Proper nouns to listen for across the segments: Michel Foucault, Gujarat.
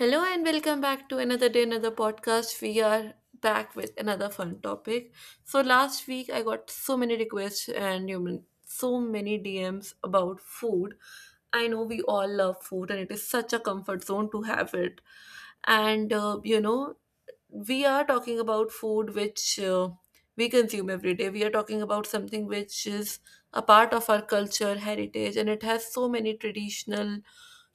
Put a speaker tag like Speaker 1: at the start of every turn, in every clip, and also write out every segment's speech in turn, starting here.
Speaker 1: Hello and welcome back to another day, another podcast. We are back with another fun topic. So last week I got so many requests and you mean so many DMs about food. I know we all love food and it is such a comfort zone to have it. And we are talking about food which we consume every day. We are talking about something which is a part of our culture, heritage, and it has so many traditional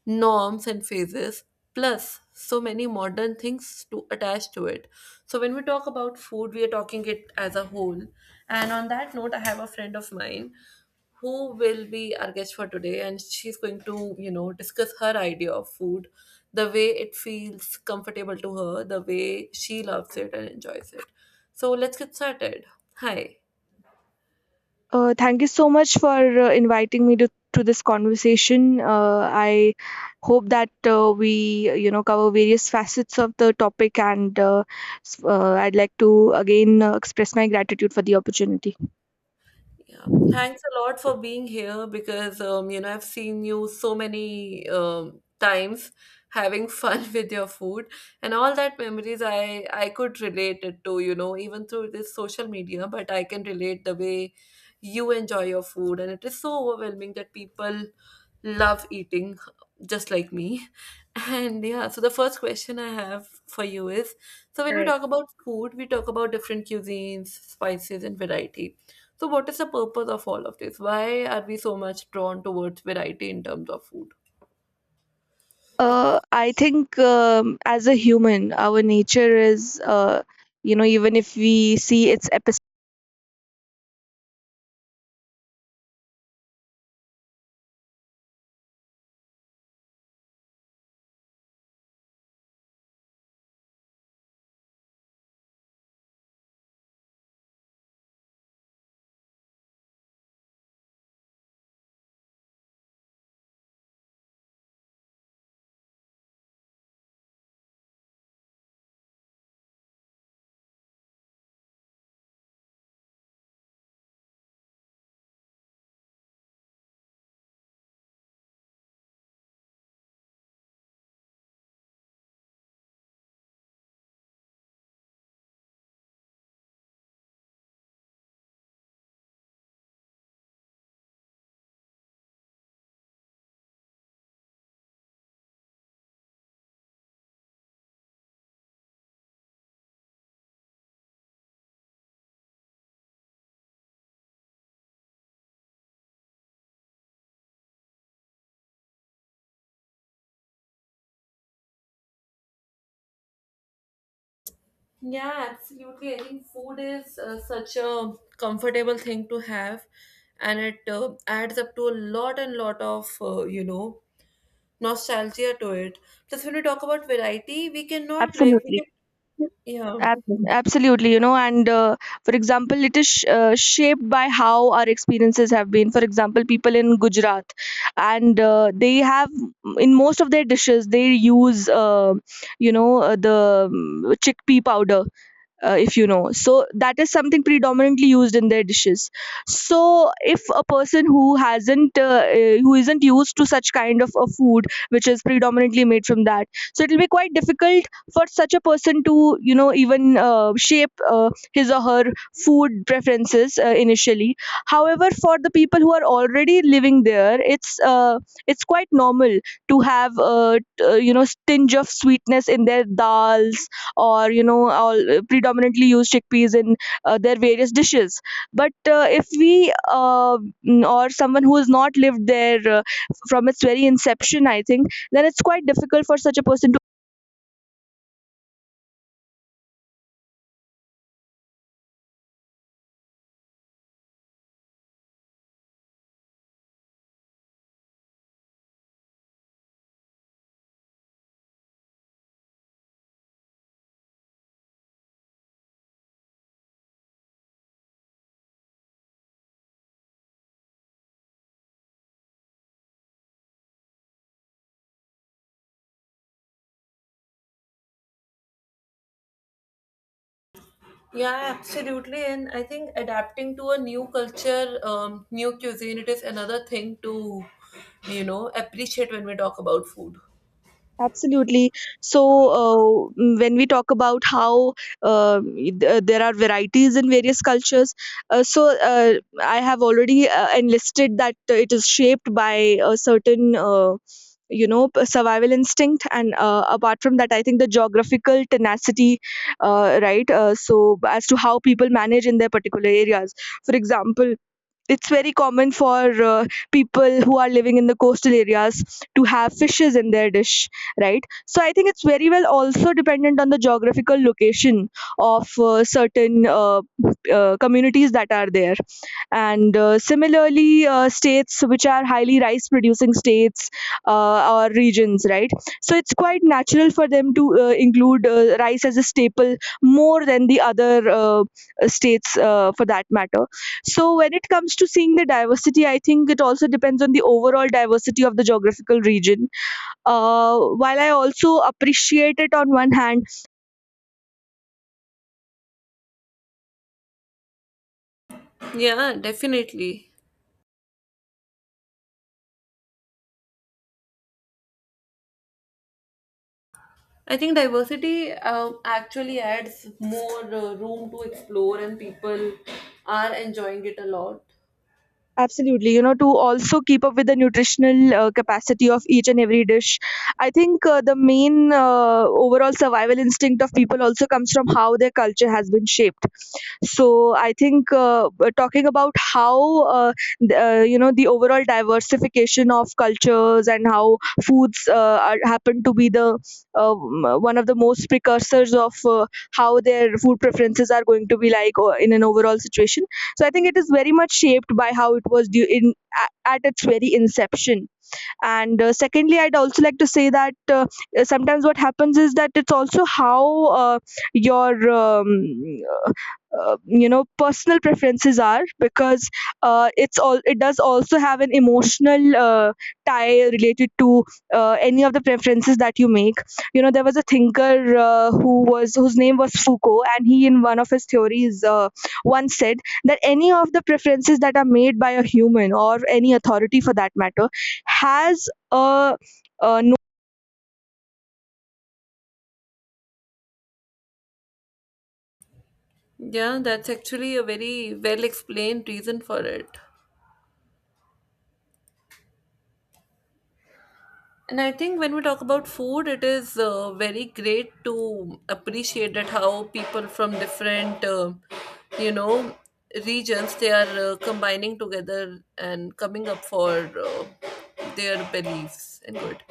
Speaker 1: norms and phases, plus so many modern things to attach to it. So, when we talk about food, we are talking it as a whole. And on that note, I have a friend of mine who will be our guest for today, and she's going to discuss her idea of food, the way it feels comfortable to her, the way she loves it and enjoys it. So let's get started. Hi.
Speaker 2: Thank you so much for inviting me to this conversation. I hope that we, cover various facets of the topic, and I'd like to again express my gratitude for the opportunity.
Speaker 1: Yeah, thanks a lot for being here, because you know, I've seen you so many times having fun with your food, and all that memories I could relate it to, you know, even through this social media. But I can relate the way you enjoy your food, and it is so overwhelming that people love eating just like me. And yeah, so the first question I have for you is, so when
Speaker 2: All
Speaker 1: we
Speaker 2: right.
Speaker 1: talk about food, we talk about different cuisines, spices, and variety. So, what is the purpose of all of this? Why are we so much drawn towards variety in terms of food?
Speaker 2: I think as a human, our nature is, even if we see its episode,
Speaker 1: Yeah, absolutely. I think food is such a comfortable thing to have, and it adds up to a lot and lot of, you know, nostalgia to it. Plus, when we talk about variety, we cannot, like, we can,
Speaker 2: absolutely,
Speaker 1: yeah.
Speaker 2: Ab- absolutely, and for example, it is shaped by how our experiences have been. For example, people in Gujarat, and they have in most of their dishes they use, the chickpea powder, if you know. So that is something predominantly used in their dishes. So if a person who hasn't, who isn't used to such kind of a food, which is predominantly made from that, so it will be quite difficult for such a person to, even shape his or her food preferences, initially. However, for the people who are already living there, it's quite normal to have a tinge of sweetness in their dals, or all predominantly use chickpeas in their various dishes, but if we or someone who has not lived there from its very inception, I think, then it's quite difficult for such a person.
Speaker 1: Yeah, absolutely. And I think adapting to a new culture, new cuisine, it is another thing to, you know, appreciate when we talk about food.
Speaker 2: Absolutely. So, when we talk about how there are varieties in various cultures, uh, so uh, I have already enlisted that it is shaped by a certain, survival instinct. And apart from that, I think the geographical tenacity, right? So, as to how people manage in their particular areas. For example, it's very common for people who are living in the coastal areas to have fishes in their dish, right? So I think it's very well also dependent on the geographical location of certain communities that are there, and similarly, states which are highly rice producing states, or regions, right? So it's quite natural for them to include rice as a staple more than the other states, for that matter. So when it comes to seeing the diversity, I think it also depends on the overall diversity of the geographical region. While I also appreciate it on one hand.
Speaker 1: Yeah, definitely. I think diversity actually adds more room to explore, and people are enjoying it a lot.
Speaker 2: Absolutely. To also keep up with the nutritional capacity of each and every dish. I think the main overall survival instinct of people also comes from how their culture has been shaped. So I think, talking about how, the overall diversification of cultures and how foods are, happen to be the one of the most precursors of how their food preferences are going to be like in an overall situation. So I think it is very much shaped by how it was due in at its very inception. And secondly, I'd also like to say that sometimes what happens is that it's also how uh, your personal preferences are, because it's all it does also have an emotional tie related to any of the preferences that you make. You know, there was a thinker who was whose name was Foucault, and he, in one of his theories, once said that any of the preferences that are made by a human or any authority, for that matter, has a no
Speaker 1: Yeah, that's actually a very well explained reason for it. And I think when we talk about food, it is very great to appreciate that how people from different, you know, regions, they are combining together and coming up for their beliefs and good.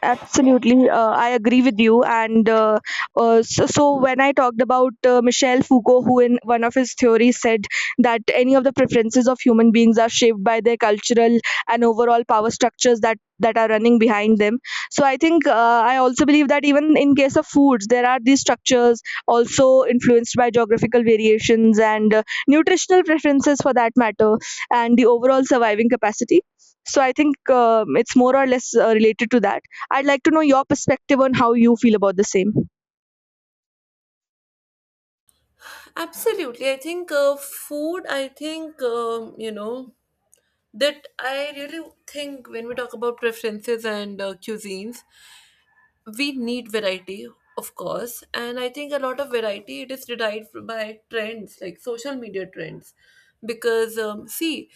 Speaker 2: Absolutely, I agree with you. And when I talked about Michel Foucault, who in one of his theories said that any of the preferences of human beings are shaped by their cultural and overall power structures that are running behind them. So I think I also believe that even in case of foods, there are these structures also influenced by geographical variations and nutritional preferences, for that matter, and the overall surviving capacity. So I think it's more or less related to that. I'd like to know your perspective on how you feel about the same.
Speaker 1: Absolutely, I think food. I think you know, that I really think when we talk about preferences and cuisines, we need variety, of course. And I think a lot of variety, it is derived by trends like social media trends. Because see,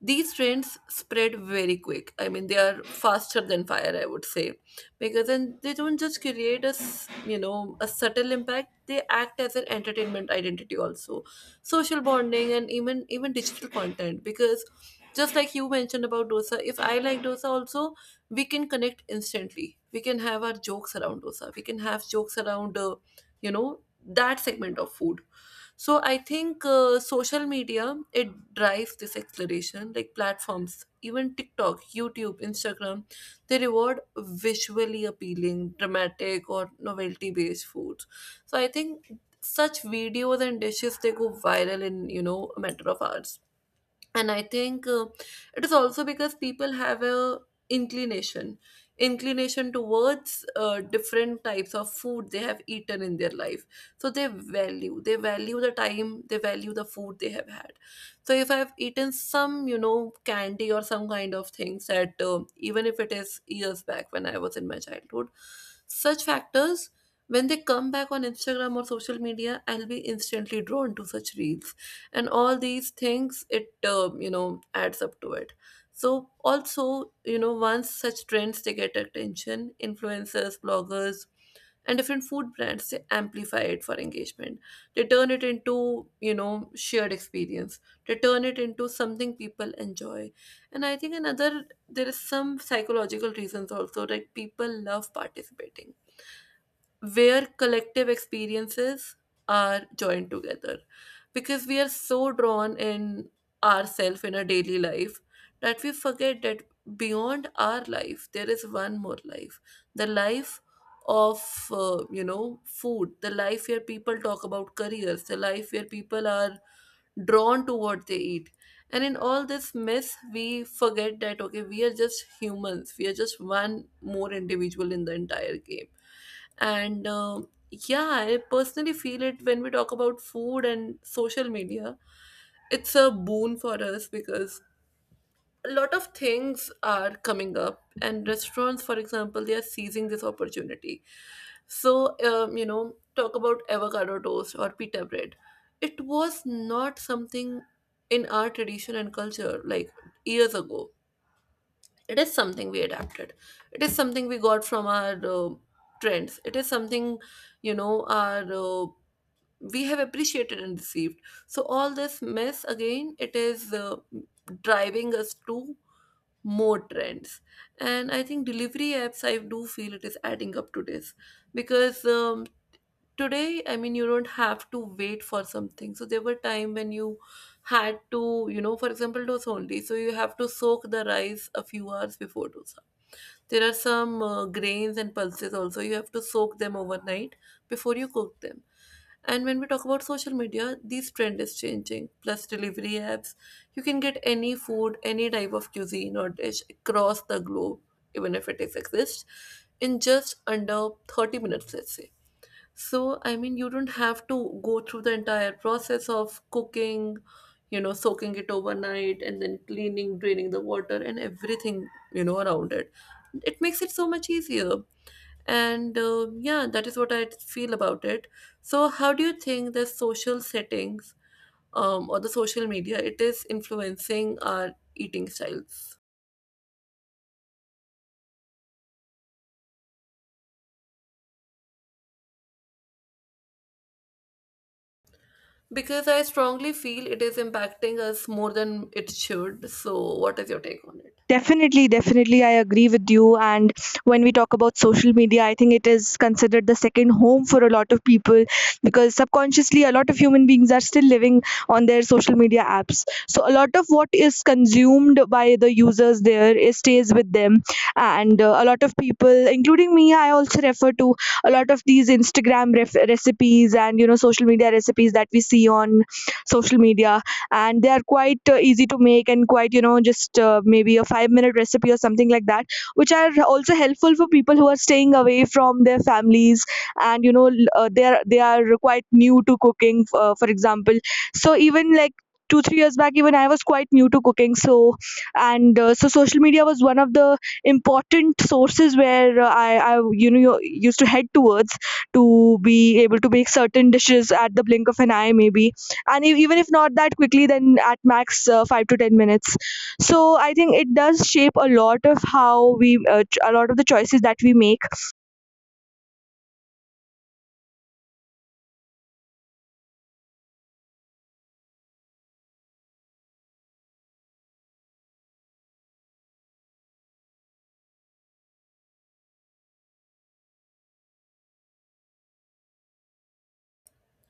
Speaker 1: these trends spread very quick. I mean, they are faster than fire, I would say, because then they don't just create you know, a subtle impact. They act as an entertainment identity also, social bonding, and even digital content. Because just like you mentioned about dosa, if I like dosa also, we can connect instantly. We can have our jokes around dosa. We can have jokes around, you know, that segment of food. So I think social media, it drives this exploration, like platforms, even TikTok, YouTube, Instagram, they reward visually appealing, dramatic, or novelty-based foods. So I think such videos and dishes, they go viral in, you know, a matter of hours. And I think it is also because people have a inclination inclination towards different types of food they have eaten in their life. So they value, they value the time, they value the food they have had. So if I've eaten some, you know, candy or some kind of things that, even if it is years back when I was in my childhood, such factors, when they come back on Instagram or social media, I'll be instantly drawn to such reels. And all these things, it you know, adds up to it. So also, you know, once such trends, they get attention, influencers, bloggers, and different food brands, they amplify it for engagement. They turn it into, you know, shared experience. They turn it into something people enjoy. And I think another, there is some psychological reasons also, like people love participating where collective experiences are joined together. Because we are so drawn in ourselves in our daily life that we forget that beyond our life, there is one more life, the life of, you know, food, the life where people talk about careers, the life where people are drawn to what they eat. And in all this mess, we forget that okay, we are just humans, we are just one more individual in the entire game. And yeah, I personally feel it. When we talk about food and social media, it's a boon for us, because a lot of things are coming up, and restaurants, for example, they are seizing this opportunity. So you know, talk about avocado toast or pita bread, it was not something in our tradition and culture like years ago. It is something we adapted, it is something we got from our trends, it is something, you know, our we have appreciated and received. So all this mess again, it is driving us to more trends. And I think delivery apps, I do feel it is adding up to this, because today, I mean, you don't have to wait for something. So there were time when you had to, you know, for example, dose only, so you have to soak the rice a few hours before dosa. There are some grains and pulses also, you have to soak them overnight before you cook them. And when we talk about social media, these trend is changing. Plus delivery apps, you can get any food, any type of cuisine or dish across the globe, even if it is exists, in just under 30 minutes, let's say. So I mean, you don't have to go through the entire process of cooking, you know, soaking it overnight and then cleaning, draining the water and everything, you know, around it. It makes it so much easier. And yeah, that is what I feel about it. So, how do you think the social settings, or the social media, it is influencing our eating styles? Because I strongly feel it is impacting us more than it should. So, what is your take on it?
Speaker 2: Definitely, definitely, I agree with you. And when we talk about social media, I think it is considered the second home for a lot of people because subconsciously, a lot of human beings are still living on their social media apps. So, a lot of what is consumed by the users there is stays with them. And a lot of people, including me, I also refer to a lot of these Instagram recipes and social media recipes that we see on social media, and they are quite easy to make and quite just maybe a 5-minute recipe or something like that, which are also helpful for people who are staying away from their families, and they are quite new to cooking, for example. So even like 2 3 years back, even I was quite new to cooking, so social media was one of the important sources where I you know used to head towards to be able to make certain dishes at the blink of an eye, maybe, and even if not that quickly, then at max, 5 to 10 minutes. So I think it does shape a lot of how we a lot of the choices that we make.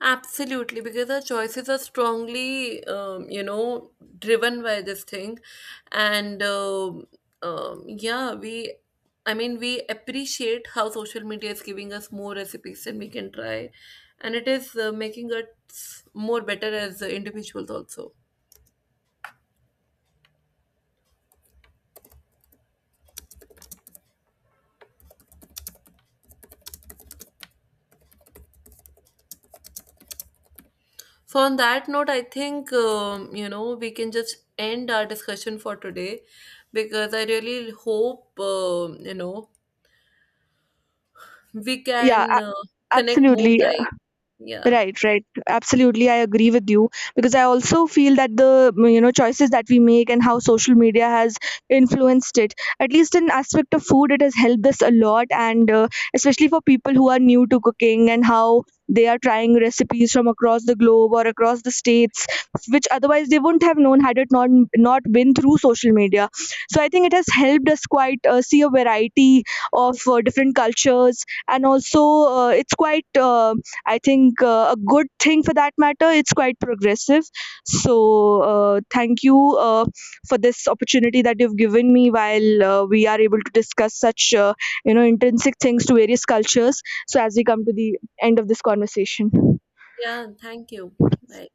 Speaker 1: Absolutely, because our choices are strongly, you know, driven by this thing. And yeah, I mean, we appreciate how social media is giving us more recipes than we can try, and it is making us more better as individuals also. So on that note, I think you know, we can just end our discussion for today, because I really hope you know, we
Speaker 2: Yeah,
Speaker 1: can connect more
Speaker 2: absolutely.
Speaker 1: time. Yeah.
Speaker 2: Right, right. Absolutely, I agree with you because I also feel that the choices that we make and how social media has influenced it. At least in aspect of food, it has helped us a lot, and especially for people who are new to cooking and how they are trying recipes from across the globe or across the states, which otherwise they wouldn't have known had it not been through social media. So I think it has helped us quite, see a variety of different cultures, and also it's quite. I think a good thing for that matter. It's quite progressive. So thank you for this opportunity that you've given me while we are able to discuss such intrinsic things to various cultures. So as we come to the end of this conversation.
Speaker 1: Yeah, thank you. Bye.